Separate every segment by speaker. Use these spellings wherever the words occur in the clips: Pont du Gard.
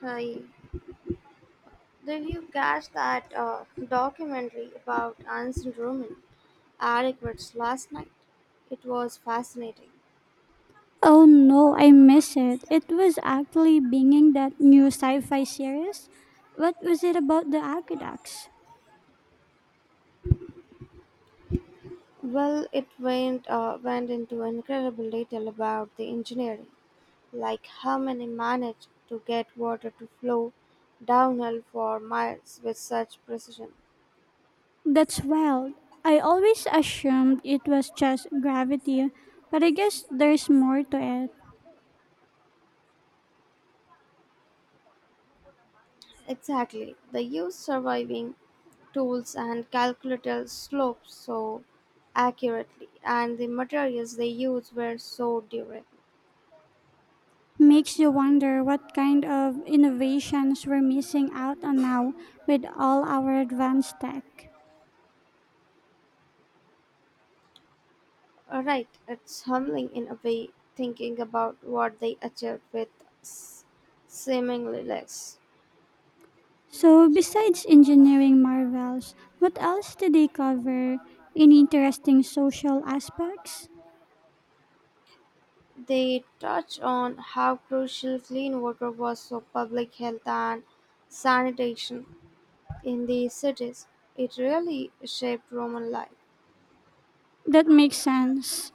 Speaker 1: Hi. Did you catch that documentary about ancient Roman adequates last night? It was fascinating.
Speaker 2: Oh no, I miss it. It was actually binging that new sci-fi series. What was it about the aqueducts?
Speaker 1: Well, it went into incredible detail about the engineering, like how many managed to get water to flow downhill for miles with such precision.
Speaker 2: That's wild. I always assumed it was just gravity, but I guess there's more to it.
Speaker 1: Exactly. They use surviving tools and calculated slopes so accurately, and the materials they used were so durable.
Speaker 2: Makes you wonder what kind of innovations we're missing out on now with all our advanced tech.
Speaker 1: All right, it's humbling in a way thinking about what they achieved with s- seemingly less.
Speaker 2: So, besides engineering marvels, what else do they cover? Any interesting social aspects?
Speaker 1: They touch on how crucial clean water was for public health and sanitation in the cities. It really shaped Roman life.
Speaker 2: That makes sense.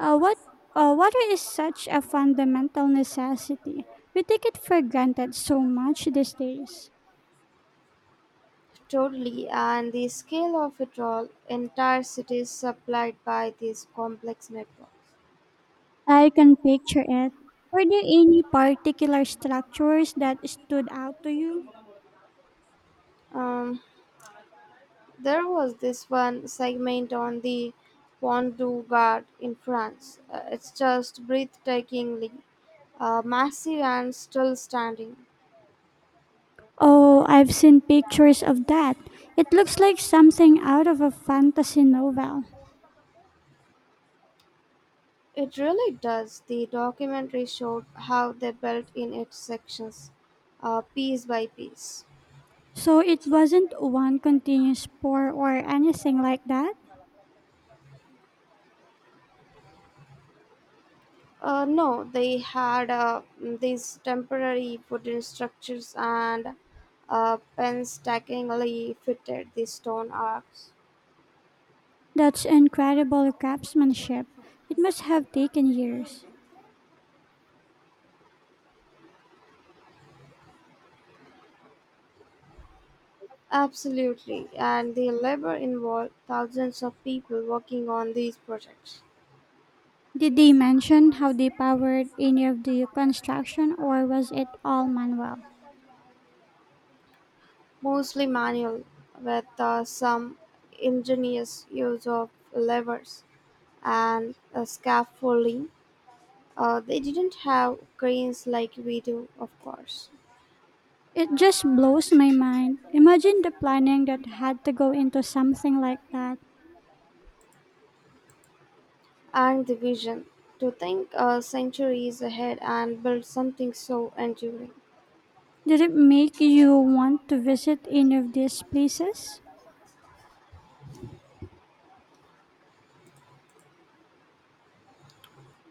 Speaker 2: What Water is such a fundamental necessity. We take it for granted so much these days.
Speaker 1: Totally, and the scale of it all, entire cities supplied by these complex networks.
Speaker 2: I can picture it. Were there any particular structures that stood out to you?
Speaker 1: Um, there was this one segment on the Pont du Gard in France. It's just breathtakingly massive and still standing.
Speaker 2: Oh, I've seen pictures of that. It looks like something out of a fantasy novel.
Speaker 1: It really does. The documentary showed how they built in its sections, piece by piece.
Speaker 2: So it wasn't one continuous pour or anything like that?
Speaker 1: No, they had these temporary wooden structures and painstakingly fitted the stone arcs.
Speaker 2: That's incredible craftsmanship. It must have taken years.
Speaker 1: Absolutely, and the labor involved thousands of people working on these projects,
Speaker 2: Did they mention how they powered any of the construction or was it all manual?
Speaker 1: mostly manual, with some ingenious use of levers and scaffolding. They didn't have cranes like we do, of course.
Speaker 2: It just blows my mind. Imagine the planning that had to go into something like that.
Speaker 1: And the vision to think centuries ahead and build something so enduring.
Speaker 2: Did it make you want to visit any of these places?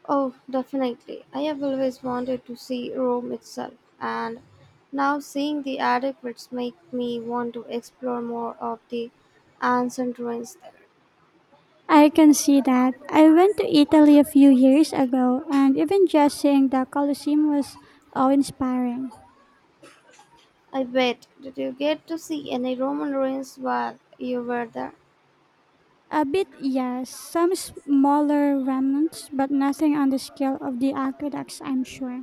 Speaker 1: Oh, definitely. I have always wanted to see Rome itself, and now seeing the adequates make me want to explore more of the ancient ruins there.
Speaker 2: I can see that. I went to Italy a few years ago, and even just seeing the Colosseum was awe inspiring.
Speaker 1: I bet. Did you get to see any Roman ruins while you were there?
Speaker 2: A bit, yes, some smaller remnants, but nothing on the scale of the aqueducts, I'm sure.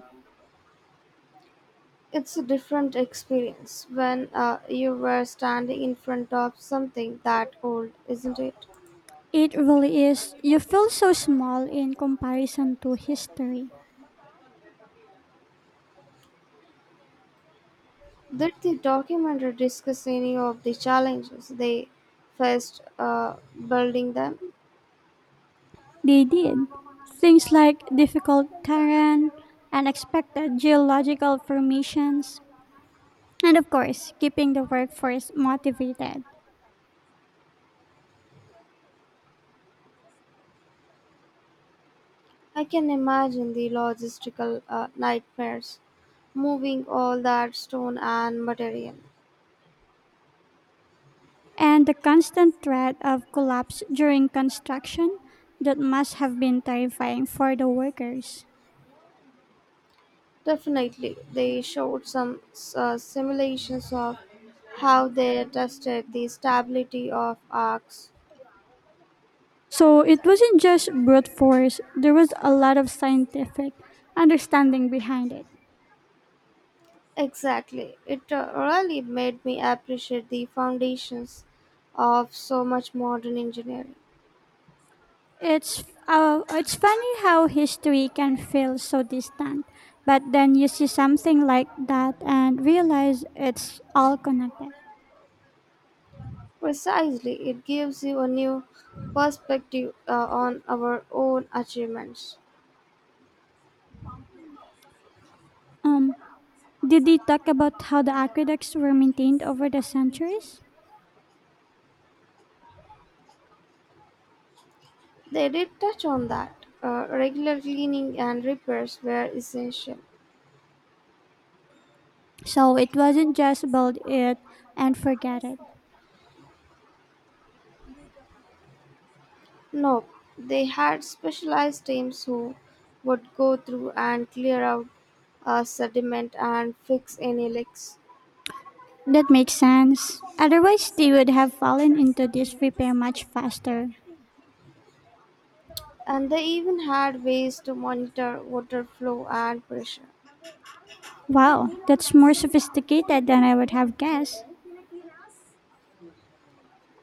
Speaker 1: It's a different experience when you were standing in front of something that old, isn't it?
Speaker 2: It really is. You feel so small in comparison to history.
Speaker 1: Did the documentary discuss any of the challenges they faced building them?
Speaker 2: They did. Things like difficult terrain, unexpected geological formations, and of course, keeping the workforce motivated.
Speaker 1: I can imagine the logistical nightmares, moving all that stone and material.
Speaker 2: And the constant threat of collapse during construction, that must have been terrifying for the workers.
Speaker 1: Definitely, they showed some simulations of how they tested the stability of arcs.
Speaker 2: So it wasn't just brute force, there was a lot of scientific understanding behind it.
Speaker 1: Exactly, it really made me appreciate the foundations of so much modern engineering.
Speaker 2: It's funny how history can feel so distant, but then you see something like that and realize it's all connected.
Speaker 1: Precisely, it gives you a new perspective on our own achievements.
Speaker 2: Um, did they talk about how the aqueducts were maintained over the centuries?
Speaker 1: They did touch on that. Regular cleaning and repairs were essential.
Speaker 2: So it wasn't just build it and forget it.
Speaker 1: No, they had specialized teams who would go through and clear out sediment and fix any leaks.
Speaker 2: That makes sense. Otherwise, they would have fallen into disrepair much faster.
Speaker 1: And they even had ways to monitor water flow and pressure.
Speaker 2: Wow, that's more sophisticated than I would have guessed.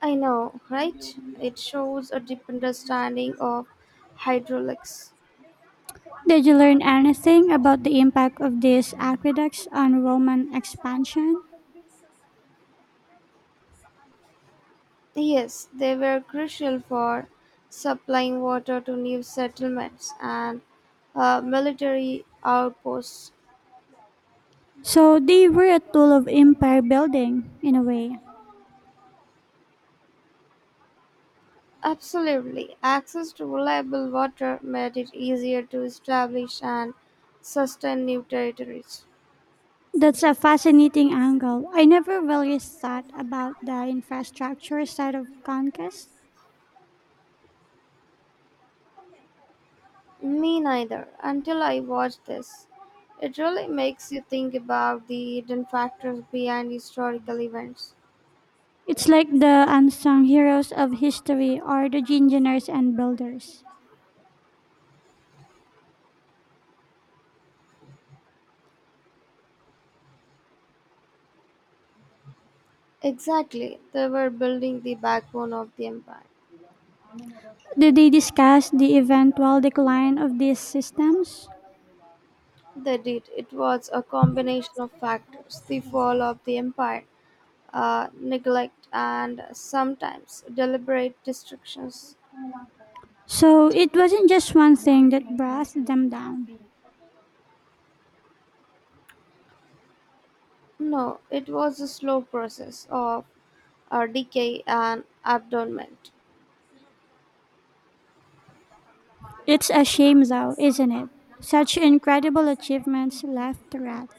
Speaker 1: I know, right? It shows a deep understanding of hydraulics.
Speaker 2: Did you learn anything about the impact of these aqueducts on Roman expansion?
Speaker 1: Yes, they were crucial for supplying water to new settlements and military outposts.
Speaker 2: So they were a tool of empire building, in a way.
Speaker 1: Absolutely, access to reliable water made it easier to establish and sustain new territories.
Speaker 2: That's a fascinating angle. I never really thought about the infrastructure side of conquest.
Speaker 1: Me neither, until I watched this. It really makes you think about the hidden factors behind historical events.
Speaker 2: It's like the unsung heroes of history or the engineers and builders.
Speaker 1: Exactly, they were building the backbone of the empire.
Speaker 2: Did they discuss the eventual decline of these systems?
Speaker 1: They did. It was a combination of factors the fall of the empire, neglect, and sometimes deliberate destructions.
Speaker 2: So it wasn't just one thing that brought them down.
Speaker 1: No, it was a slow process of decay and abandonment.
Speaker 2: It's a shame, though, isn't it? Such incredible achievements left to rot.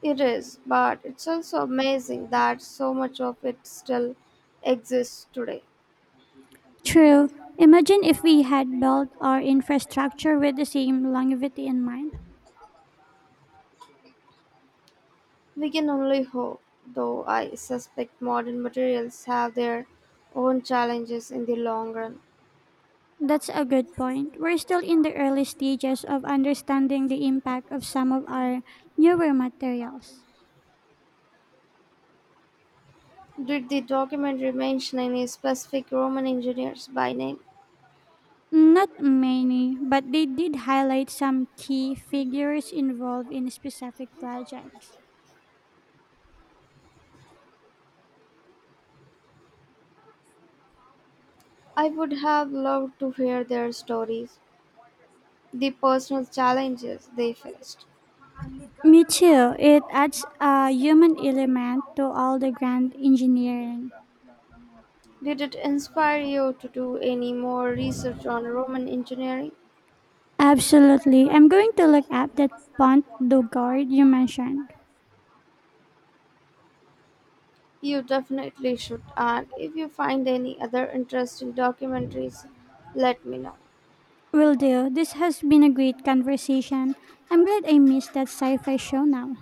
Speaker 1: It is, but it's also amazing that so much of it still exists today.
Speaker 2: True. Imagine if we had built our infrastructure with the same longevity in mind.
Speaker 1: We can only hope, though I suspect modern materials have their own challenges in the long run.
Speaker 2: That's a good point. We're still in the early stages of understanding the impact of some of our newer materials.
Speaker 1: Did the documentary mention any specific Roman engineers by name?
Speaker 2: Not many, but they did highlight some key figures involved in specific projects.
Speaker 1: I would have loved to hear their stories, the personal challenges they faced.
Speaker 2: Me too. It adds a human element to all the grand engineering.
Speaker 1: Did it inspire you to do any more research on Roman engineering?
Speaker 2: Absolutely. I'm going to look up that Pont du Gard you mentioned.
Speaker 1: You definitely should, and if you find any other interesting documentaries, let me know.
Speaker 2: Will do. This has been a great conversation. I'm glad I missed that sci fi show now.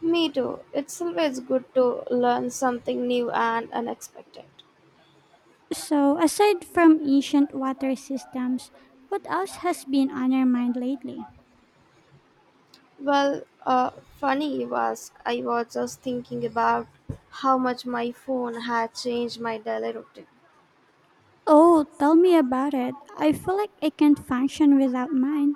Speaker 1: Me too. It's always good to learn something new and unexpected.
Speaker 2: So, aside from ancient water systems, what else has been on your mind lately?
Speaker 1: Well, funny you ask. I was just thinking about how much my phone had changed my daily routine.
Speaker 2: Oh, tell me about it. I feel like I can't function without mine.